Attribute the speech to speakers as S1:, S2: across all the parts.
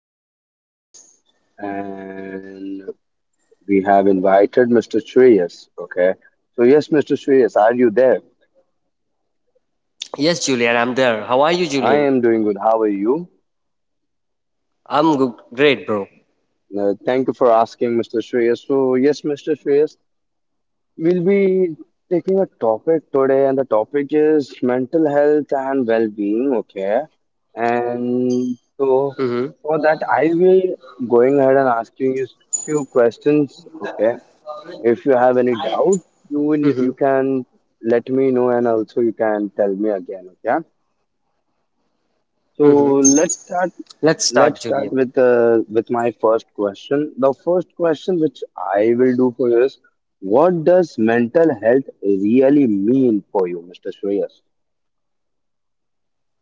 S1: to my podcast. And We have invited Mr. Shreyas. Okay. So, yes, Mr. Shreyas, are you there?
S2: Yes, Julian, I'm there. How are you,
S1: I
S2: Julian?
S1: am doing good. How are you?
S2: Great, bro.
S1: Thank you for asking, Mr. Shreyas. So, yes, Mr. Shreyas, we'll be taking a topic today, and the topic is mental health and well being. Okay. And
S2: Mm-hmm.
S1: so, for that, I will going ahead and asking you few questions. Okay. If you have any doubt,
S2: Mm-hmm.
S1: you can let me know, and also you can tell me again. Okay. So
S2: Mm-hmm.
S1: let's start.
S2: Let's start,
S1: Let's
S2: Julian.
S1: start with with my first question. The first question which I will do for you is, what does mental health really mean for you, Mr. Shreyas?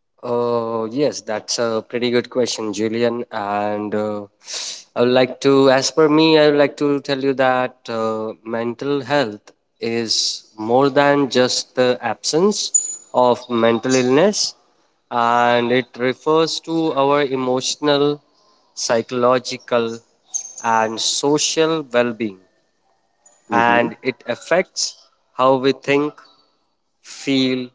S2: Yes, that's a pretty good question, Julian. And I would like to, as per me, I would like to tell you that mental health is more than just the absence of mental illness, and it refers to our emotional, psychological, and social well being
S1: Mm-hmm.
S2: and it affects how we think, feel,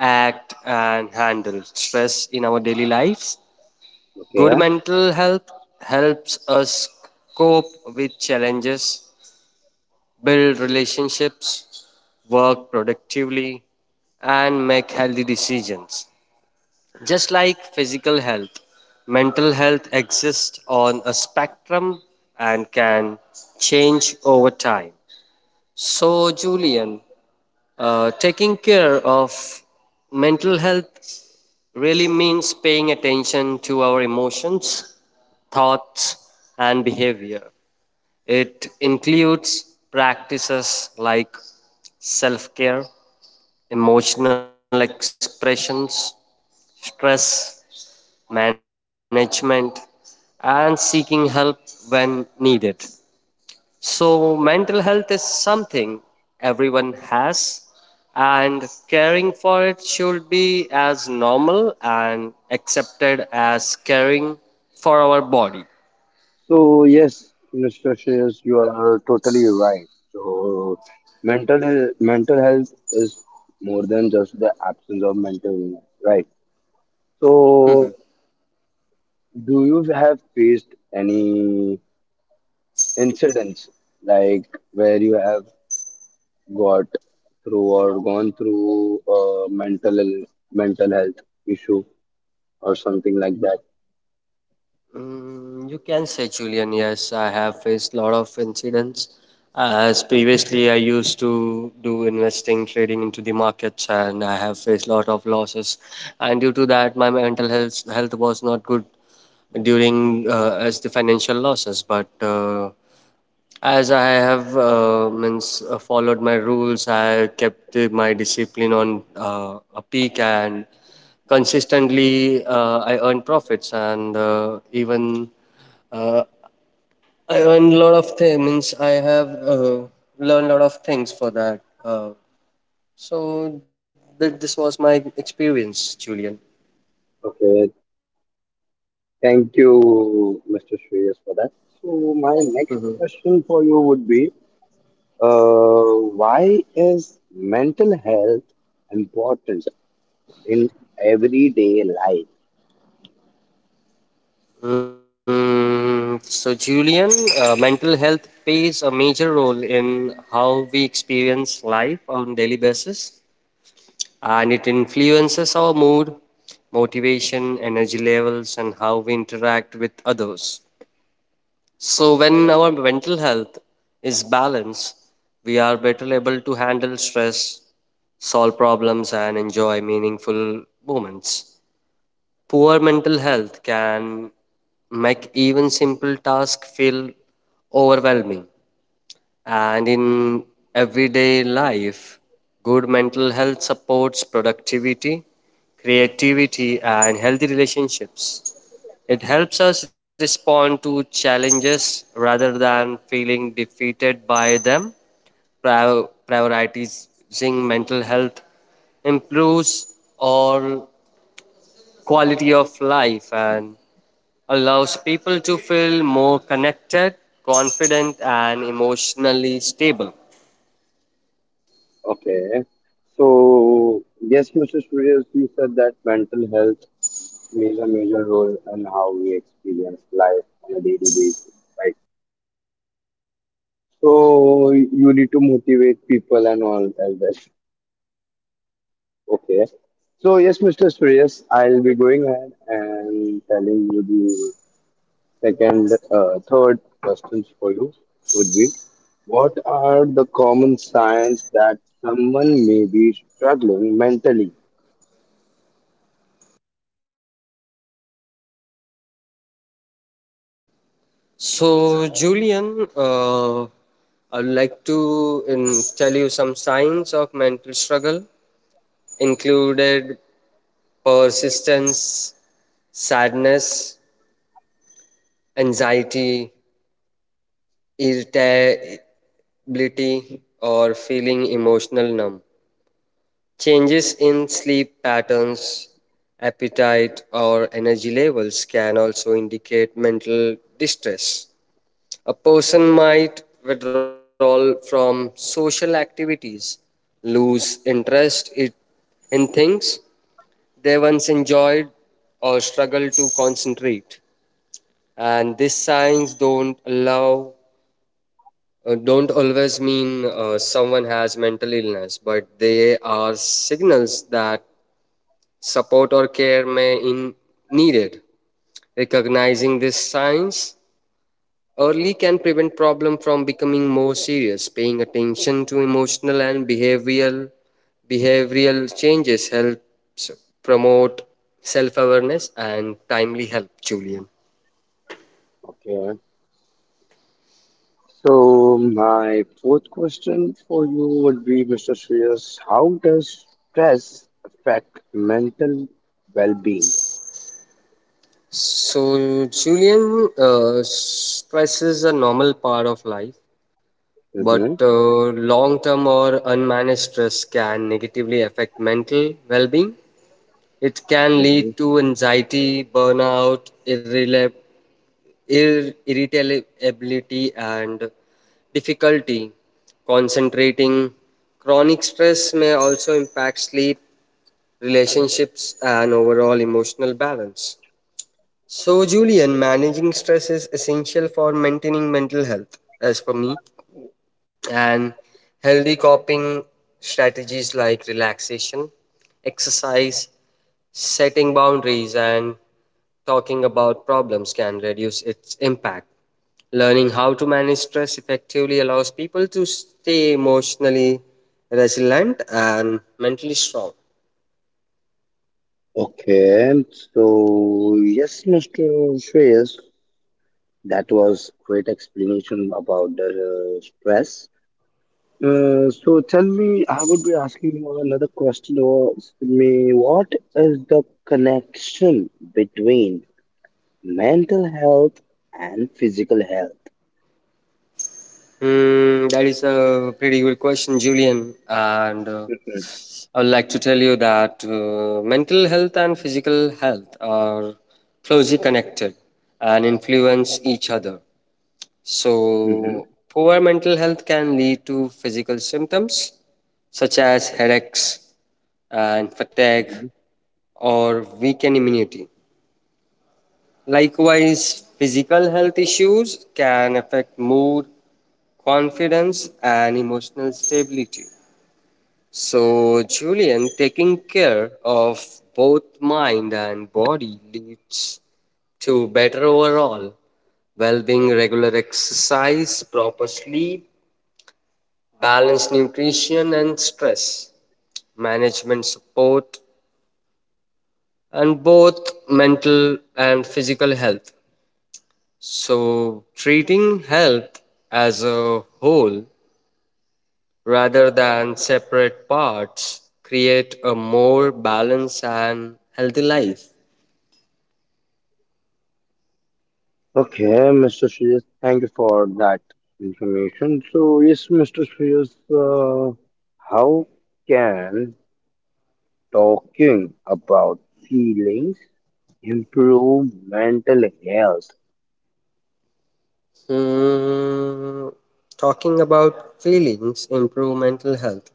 S2: act, and handle stress in our daily lives. Good
S1: Okay.
S2: mental health helps us cope with challenges, build relationships, work productively, and make healthy decisions. Just like physical health, mental health exists on a spectrum and can change over time. So, Julian, taking care of mental health really means paying attention to our emotions, thoughts, and behavior. It includes practices like self care, emotional expressions, stress management, and seeking help when needed. So, mental health is something everyone has, and caring for it should be as normal and accepted as caring for our body.
S1: So yes, Mr. Shreyas, you are totally right. So mental mental health is more than just the absence of mental illness, right? So, do you have faced any incidents like where you have got through or gone through a mental health issue or something like that?
S2: Mm, you can say, Julian, yes, I have faced a lot of incidents. As previously, I used to do investing, trading into the markets, and I have faced a lot of losses. And due to that, my mental health was not good during as the financial losses. But as I have means followed my rules, I kept my discipline on a peak and consistently I earn profits and even uh, I earn a lot of things. Means I have learned a lot of things for that. So this was my experience, Julian.
S1: Okay, thank you, Mr. Shreyas, for that. So, my next
S2: Mhm.
S1: question for you would be, why is mental health important in everyday life?
S2: So, Julian, mental health plays a major role in how we experience life on daily basis, and it influences our mood, motivation, energy levels, and how we interact with others. So, when our mental health is balanced, we are better able to handle stress, solve problems, and enjoy meaningful moments. Poor mental health can make even simple tasks feel overwhelming. And in everyday life, good mental health supports productivity, creativity, and healthy relationships. It helps us respond to challenges rather than feeling defeated by them. Prior- Prioritizing mental health improves our quality of life and allows people to feel more connected, confident, and emotionally stable.
S1: Okay. So, yes, Mr. Suryas, you said that mental health plays a major role in how we experience life on a daily basis, right? So, you need to motivate people and all as that. Okay. So, yes, Mr. Suryas, I'll be going ahead and telling you the third questions for you would be, what are the common signs that someone may be struggling mentally?
S2: So, Julian, I'd like to tell you some signs of mental struggle included persistence, sadness, anxiety, irritability, or feeling emotional numb. Changes in sleep patterns, appetite, or energy levels can also indicate mental distress. A person might withdraw from social activities, lose interest it- in things they once enjoyed, or struggle to concentrate. And these signs don't always mean someone has mental illness, but they are signals that support or care may in needed. Recognizing these signs early can prevent problem from becoming more serious. Paying attention to emotional and behavioral changes helps promote self-awareness and timely help, Julian.
S1: Okay. So my fourth question for you would be, Mr. Shreyas, how does stress affect mental well-being?
S2: So, Julian, stress is a normal part of life, but
S1: hmm
S2: uh, long term or unmanaged stress can negatively affect mental well being. It can
S1: hmm
S2: lead to anxiety, burnout, irritability, and difficulty concentrating. Chronic stress may also impact sleep, relationships, and overall emotional balance. So, Julian, managing stress is essential for maintaining mental health, as for me, and healthy coping strategies like relaxation, exercise, setting boundaries and talking about problems can reduce its impact. Learning how to manage stress effectively allows people to stay emotionally resilient and mentally strong.
S1: Okay, so yes, Mr. Shreyas, that was great explanation about the stress. So tell me, I would be asking you another question or me, what is the connection between mental health and physical health?
S2: Hmm, that is a pretty good question, Julian. And I would like to tell you that mental health and physical health are closely connected and influence each other.
S1: Mm-hmm.
S2: So, poor mental health can lead to physical symptoms such as headaches and fatigue or weaken immunity. Likewise, physical health issues can affect mood, confidence, and emotional stability. So, Julian, taking care of both mind and body leads to better overall well being, regular exercise, proper sleep, balanced nutrition and stress, management support, and both mental and physical health. So, treating health as a whole rather than separate parts create a more balanced and healthy life.
S1: Okay, Mr. Shreyas, thank you for that information. So, yes, Mr. Shreyas, how can talking about feelings improve mental health?
S2: Hmm, talking about feelings improve mental health.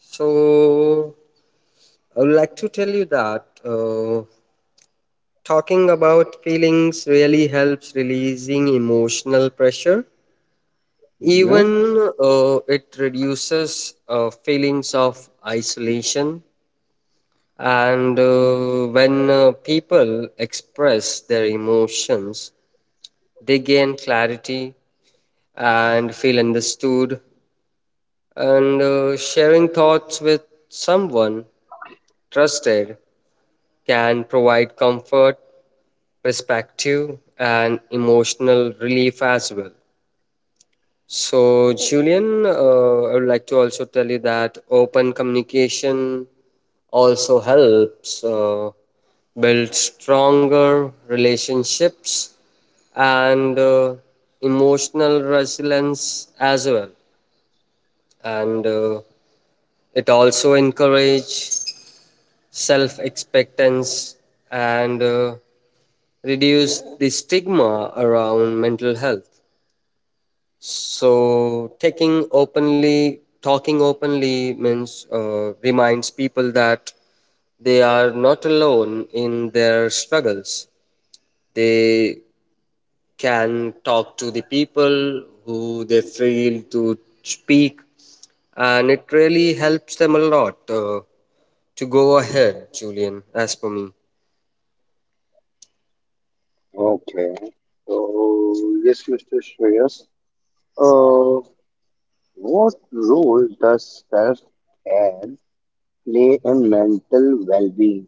S2: So, I would like to tell you that talking about feelings really helps releasing emotional pressure.
S1: hmm
S2: Even it reduces feelings of isolation. And when people express their emotions, they gain clarity and feel understood. And sharing thoughts with someone trusted can provide comfort, perspective, and emotional relief as well. So, Julian, I would like to also tell you that open communication also helps build stronger relationships and emotional resilience as well. And it also encourages self expectance and reduce the stigma around mental health. So talking openly means reminds people that they are not alone in their struggles. They can talk to the people who they feel to speak, and it really helps them a lot to go ahead, Julian, as for me.
S1: Okay, so yes, Mr. Shreyas, uh, what role does self-care play in mental well-being?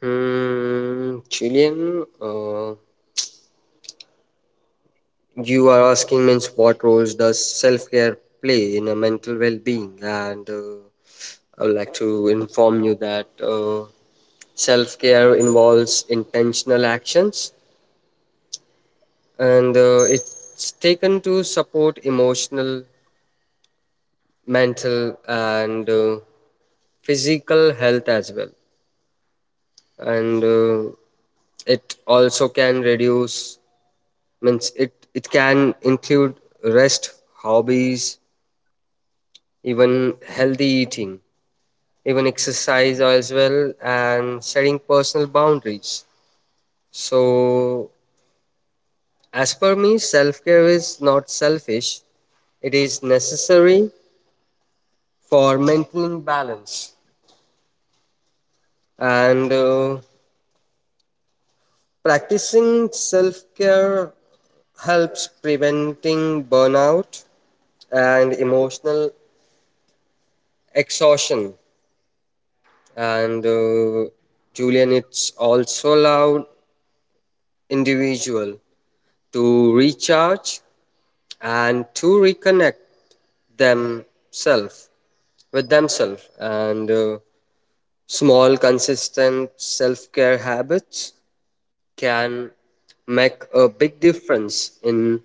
S2: Hmm, Julian, you are asking means what roles does self-care play in a mental well-being and I would like to inform you that self-care involves intentional actions and it's taken to support emotional mental and physical health as well and it also can reduce means it can include rest hobbies even healthy eating, even exercise as well, and setting personal boundaries. So, as per me, self care is not selfish, it is necessary for maintaining balance. And practicing self care helps preventing burnout and emotional exhaustion. And Julian, it's also allowed individual to recharge and to reconnect themselves with themselves and small consistent self-care habits can make a big difference in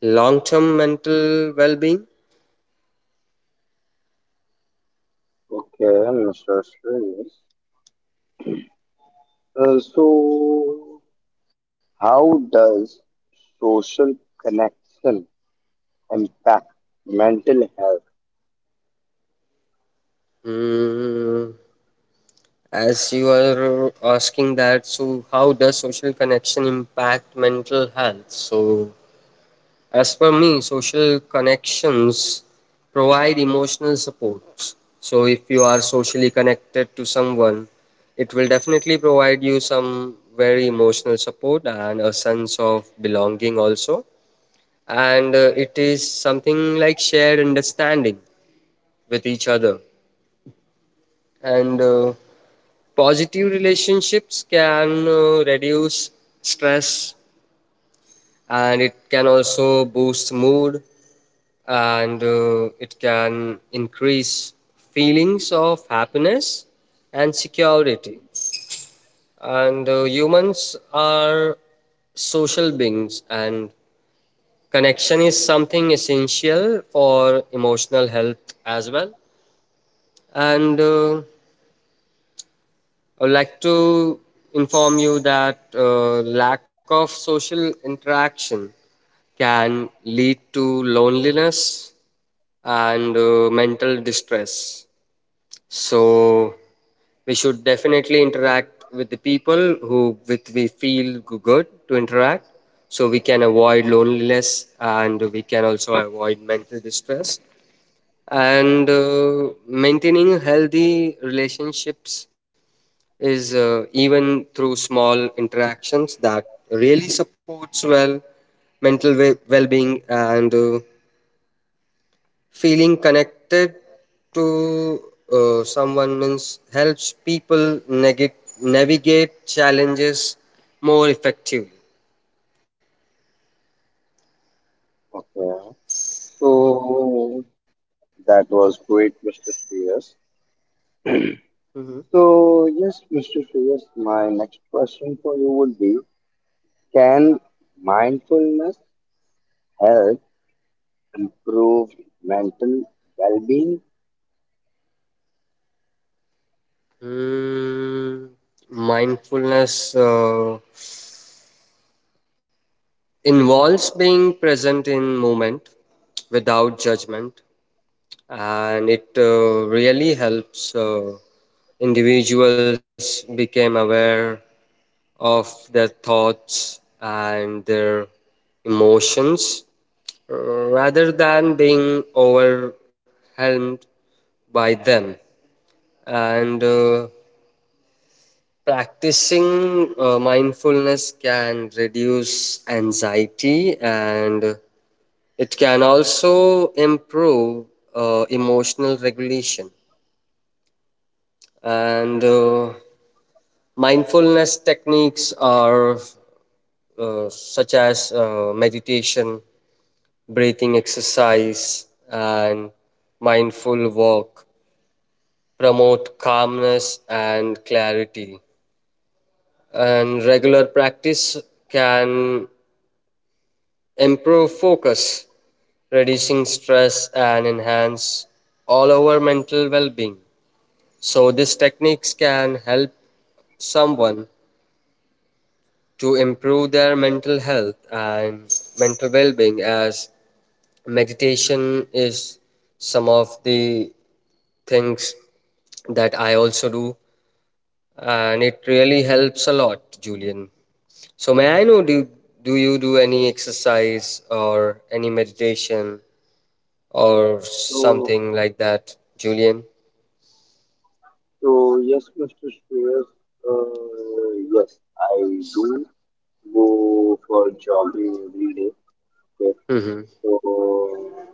S2: long-term mental well-being.
S1: Okay, Mr. Shreyas. So, how does social connection impact mental health?
S2: Mm, as you are asking that so how does social connection impact mental health, so as per me, social connections provide emotional support. So if you are socially connected to someone, it will definitely provide you some very emotional support and a sense of belonging also. And it is something like shared understanding with each other. And positive relationships can reduce stress and it can also boost mood and it can increase feelings of happiness and security and humans are social beings and connection is something essential for emotional health as well and I'd like to inform you that lack of social interaction can lead to loneliness and mental distress. So we should definitely interact with the people who with we feel good to interact. So we can avoid loneliness and we can also avoid mental distress. And maintaining healthy relationships is even through small interactions that really supports well-being and feeling connected to someone means helps people navigate challenges more effectively.
S1: Okay, so that was great, Mr. Shreyas.
S2: Hmm.
S1: So, yes, Mr. Shreyas, my next question for you would be, can mindfulness help improve mental well being?
S2: Mm, mindfulness involves being present in moment without judgment and it really helps individuals become aware of their thoughts and their emotions uh, rather than being overwhelmed by them. And practicing mindfulness can reduce anxiety and it can also improve emotional regulation. And mindfulness techniques are such as meditation, breathing exercise, and mindful walk promote calmness and clarity. And regular practice can improve focus, reducing stress, and enhance all our mental well being. So, these techniques can help someone to improve their mental health and mental well being, as meditation is some of the things that I also do, and it really helps a lot, Julian. So may I know do you do any exercise or any meditation or
S1: So,
S2: something like that, Julian?
S1: so, yes, Mr. Shreyas, yes, I do go for jogging every day. Okay,
S2: Hmm.
S1: so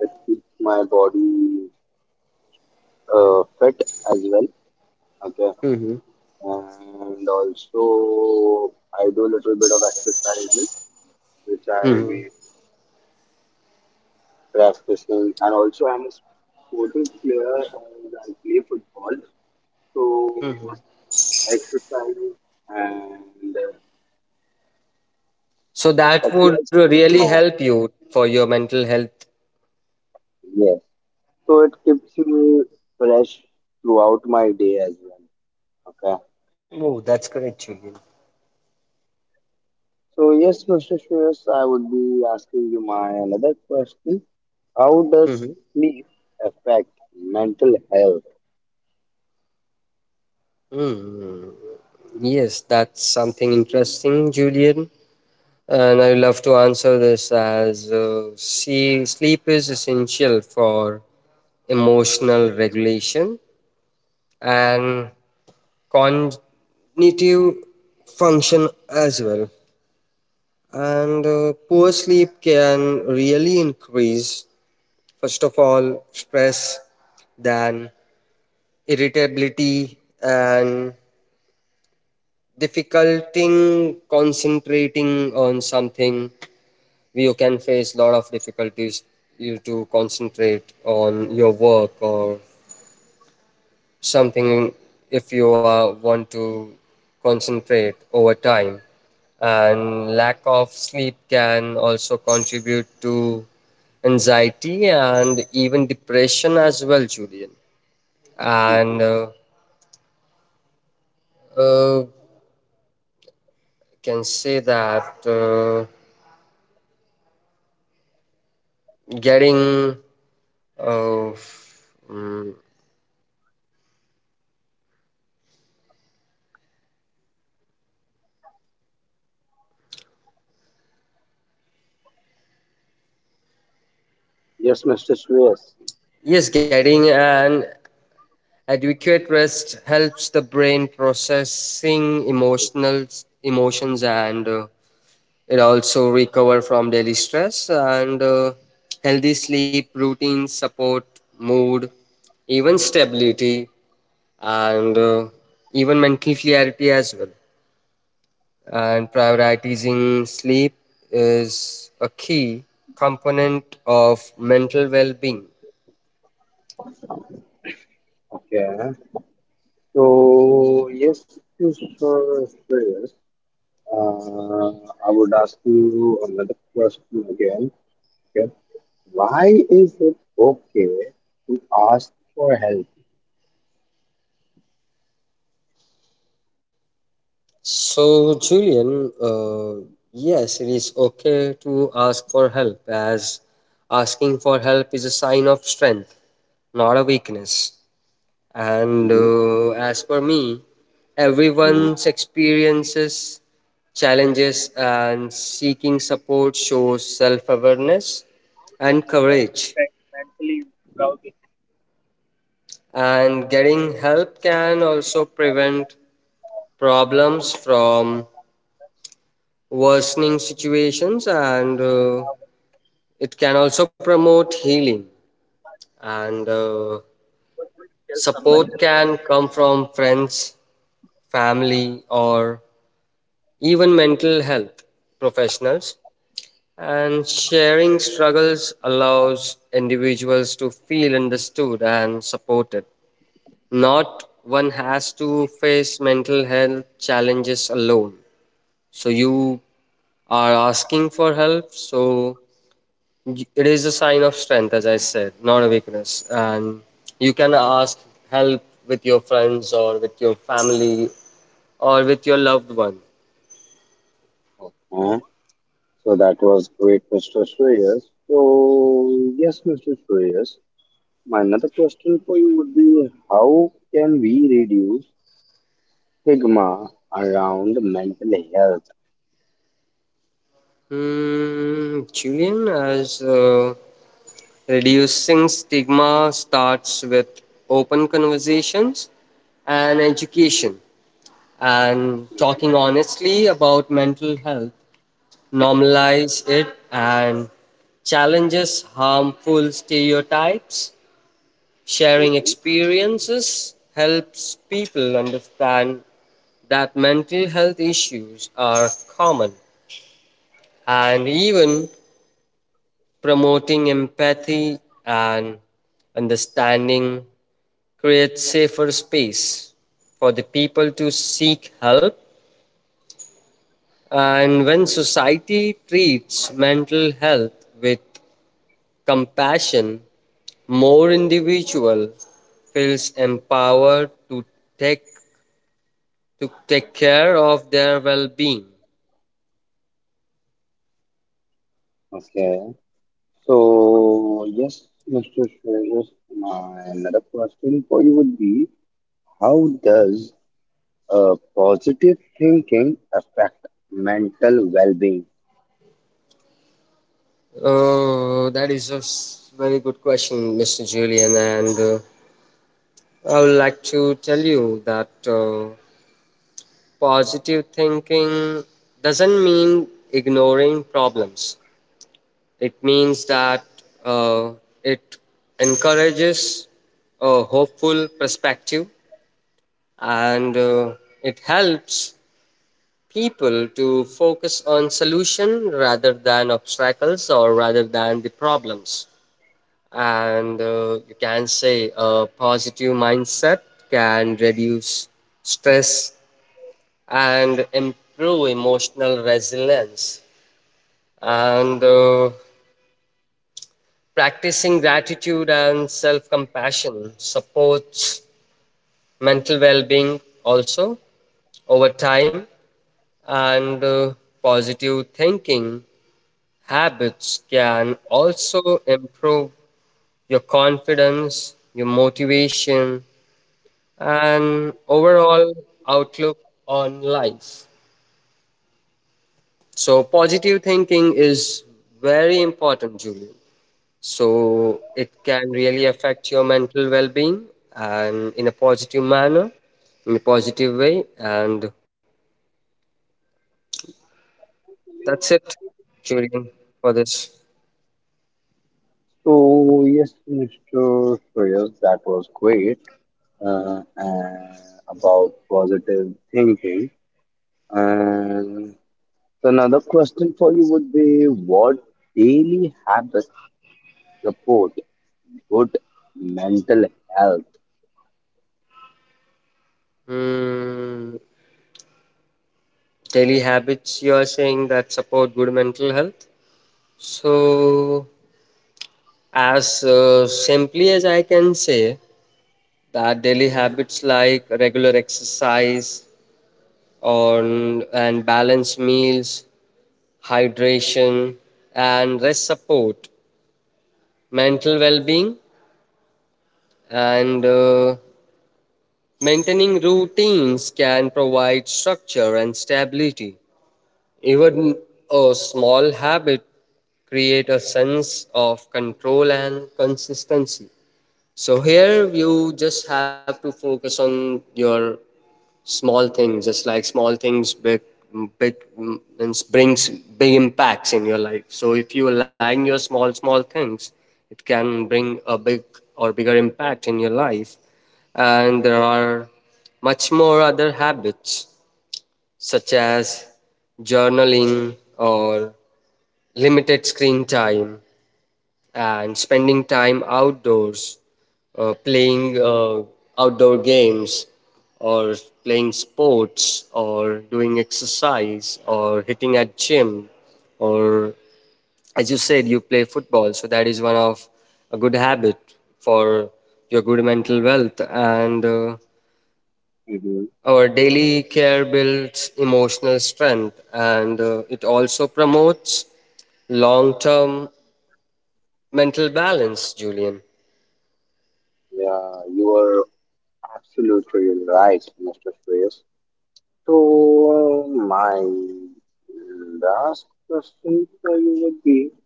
S1: it keeps my body fit as well. Okay, and also I do a little bit of exercises, which I be practicing, and also I'm a sporting player and I play football. So exercise and uh,
S2: So that
S1: exercise
S2: would
S1: keeps
S2: really
S1: my
S2: help you for your mental health.
S1: yes. So it keeps me fresh throughout my day as well. Okay?
S2: Oh, that's correct, Julian.
S1: So yes, Mr. Shreyas, I would be asking you my another question. How does
S2: Hmm.
S1: sleep affect mental health?
S2: Mm. Yes, that's something interesting, Julian. And I would love to answer this as see, sleep is essential for emotional regulation and cognitive function as well. And poor sleep can really increase, first of all, stress, then irritability, and difficulty concentrating on something. You can face a lot of difficulties you to concentrate on your work or something if you want to concentrate over time and lack of sleep can also contribute to anxiety and even depression as well, Julian.
S1: Mhm.
S2: And uh, can say that getting uh, mm,
S1: Yes, Mr. Shreyas.
S2: yes getting an adequate rest helps the brain processing emotional emotions and it also recover from daily stress and healthy sleep routines support mood even stability and even mental clarity as well and prioritizing sleep is a key component of mental well-being.
S1: Okay. So yes, Mr. Shreyas, uh, I would ask you another question again. Okay. Why is it okay to ask for help?
S2: So, Julian, uh, yes it is okay to ask for help as asking for help is a sign of strength not a weakness. And
S1: Mhm.
S2: as for me,
S1: Mhm.
S2: everyone's experiences, challenges, and seeking support shows self awareness and courage. And getting help can also prevent problems from worsening situations, and it can also promote healing. And support can come from friends, family, or even mental health professionals, and sharing struggles allows individuals to feel understood and supported. Not one has to face mental health challenges alone, so you are asking for help. So it is a sign of strength, as I said, not a weakness, and you can ask help with your friends or with your family or with your loved one.
S1: Uh, so that was great, Mr. Shreyas. So yes, Mr. Shreyas. My another question for you would be, how can we reduce stigma around mental health?
S2: Julian, as reducing stigma starts with open conversations and education, and talking honestly about mental health, normalize it and challenges harmful stereotypes. Sharing
S1: Mhm.
S2: experiences helps people understand that mental health issues are common. And even promoting empathy and understanding creates safer space for the people to seek help. And when society treats mental health with compassion, more individual feels empowered to take take care of their well-being.
S1: Okay. So yes, Mr. Shreyas, my another question for you would be, how does positive thinking affect mental well-being?
S2: Oh, that is a very good question, Mr. Julian, and I would like to tell you that. Uh, Positive thinking doesn't mean ignoring problems. It means that uh, it encourages a hopeful perspective, and it helps people to focus on solution rather than obstacles or rather than the problems. And You can say a positive mindset can reduce stress and improve emotional resilience, and practicing gratitude and self-compassion supports mental well-being also over time. And Positive thinking habits can also improve your confidence, your motivation, and overall outlook on life. So positive thinking is very important, Julian. So it can really affect your mental well-being, and in a positive manner, in a positive way. And that's it, Julian, for this.
S1: So yes, Mr. Shreyas, that was great about positive thinking. And So another question for you would be, what daily habits support good mental health?
S2: Hmm, Daily habits, you are saying, that support good mental health. So as simply as I can say that daily habits like regular exercise on and balanced meals, hydration, and rest support mental well-being. And Maintaining routines can provide structure and stability. Even a small habit create a sense of control and consistency, so here you just have to focus on your small things. Just like small things, big big means brings big impacts in your life. So if you align your small small things, it can bring a big or bigger impact in your life. And there are much more other habits, such as journaling or limited screen time and spending time outdoors, playing outdoor games, or playing sports, or doing exercise, or hitting at gym, or as you said, you play football. So that is one of a good habit for your good mental wealth. And
S1: hmm
S2: Our daily care builds emotional strength, and it also promotes long-term mental balance, Julian.
S1: Yeah, you are absolutely right, Mr. Shreyas. So my last question for you would be,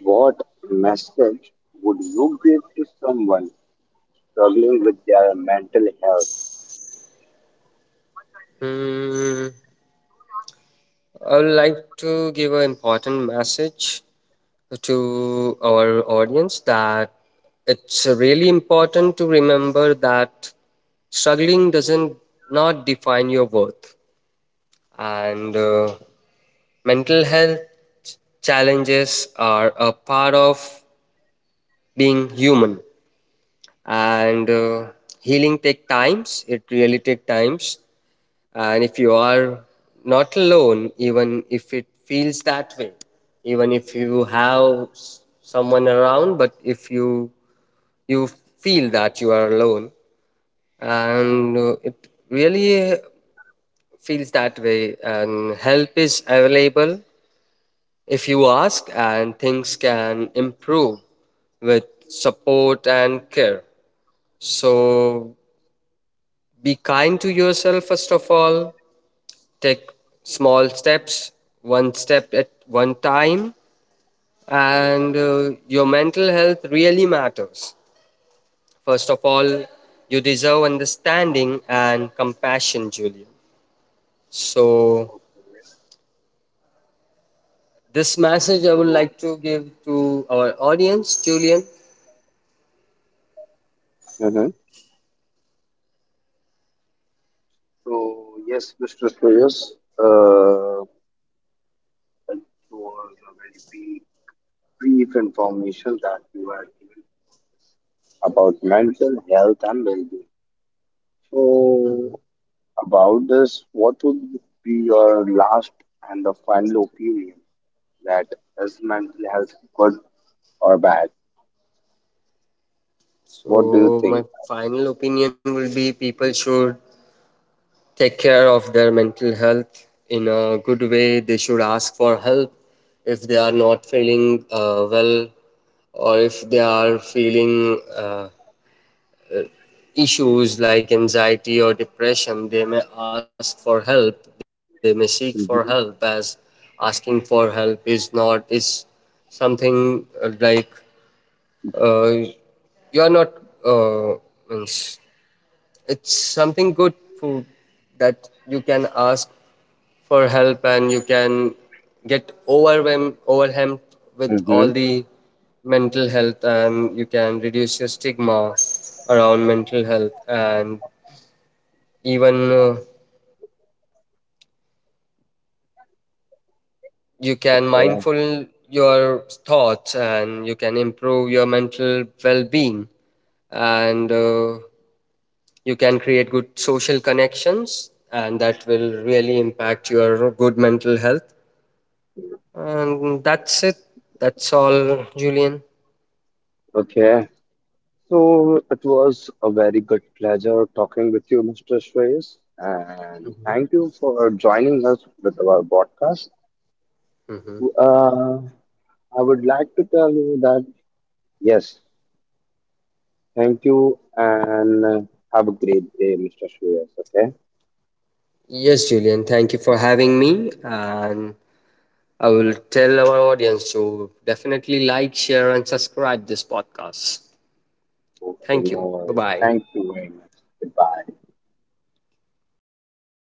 S1: what message would you give to someone struggling with their mental health?
S2: Hmm. I would like to give an important message to our audience, that it's really important to remember that struggling doesn't not define your worth. And Mental health challenges are a part of being human, and healing take times, it really take times. And if you are not alone, even if it feels that way, even if you have someone around, but if you feel that you are alone, and it really feels that way, and help is available if you ask, and things can improve with support and care. So be kind to yourself. First of all, take small steps, one step at one time, and your mental health really matters. First of all, you deserve understanding and compassion, Julian. So this message I would like
S1: So
S2: to give to our audience, Julian.
S1: Mhm. So yes, Mr. Shreyas, uh, it was a very brief information that you were given about mental health and well-being.
S2: Mhm.
S1: So, about this, what would be your last and the final opinion, that is mental health good or bad? What do you
S2: So my
S1: think?
S2: final opinion will be people should take care of their mental health in a good way. They should ask for help if they are not feeling well, or if they are feeling issues like anxiety or depression. They may ask for help. They may seek for
S1: Mm-hmm.
S2: help, as asking for help is not is something like uh, you are not uh, means it's something good for that. You can ask for help and you can get overwhelmed with all
S1: Mm-hmm.
S2: the mental health, and you can reduce your stigma around mental health. And even you can
S1: Okay.
S2: mindful your thoughts and you can improve your mental well-being, and you can create good social connections, and that will really impact your good mental health. And that's it, that's all, Julian.
S1: Okay. So it was a very good pleasure talking with you, Mr. Shreyas, and thank you for joining us with our podcast.
S2: Mhm.
S1: Uh, I would like to tell you that yes, thank you, and have a great day, Mr. Shreyas. Okay.
S2: Yes, Julian, thank you for having me. And I will tell our audience to definitely like, share, and subscribe this podcast.
S1: Okay,
S2: Thank
S1: no
S2: you. Bye
S1: worries.
S2: bye.
S1: Thank you very much. Goodbye.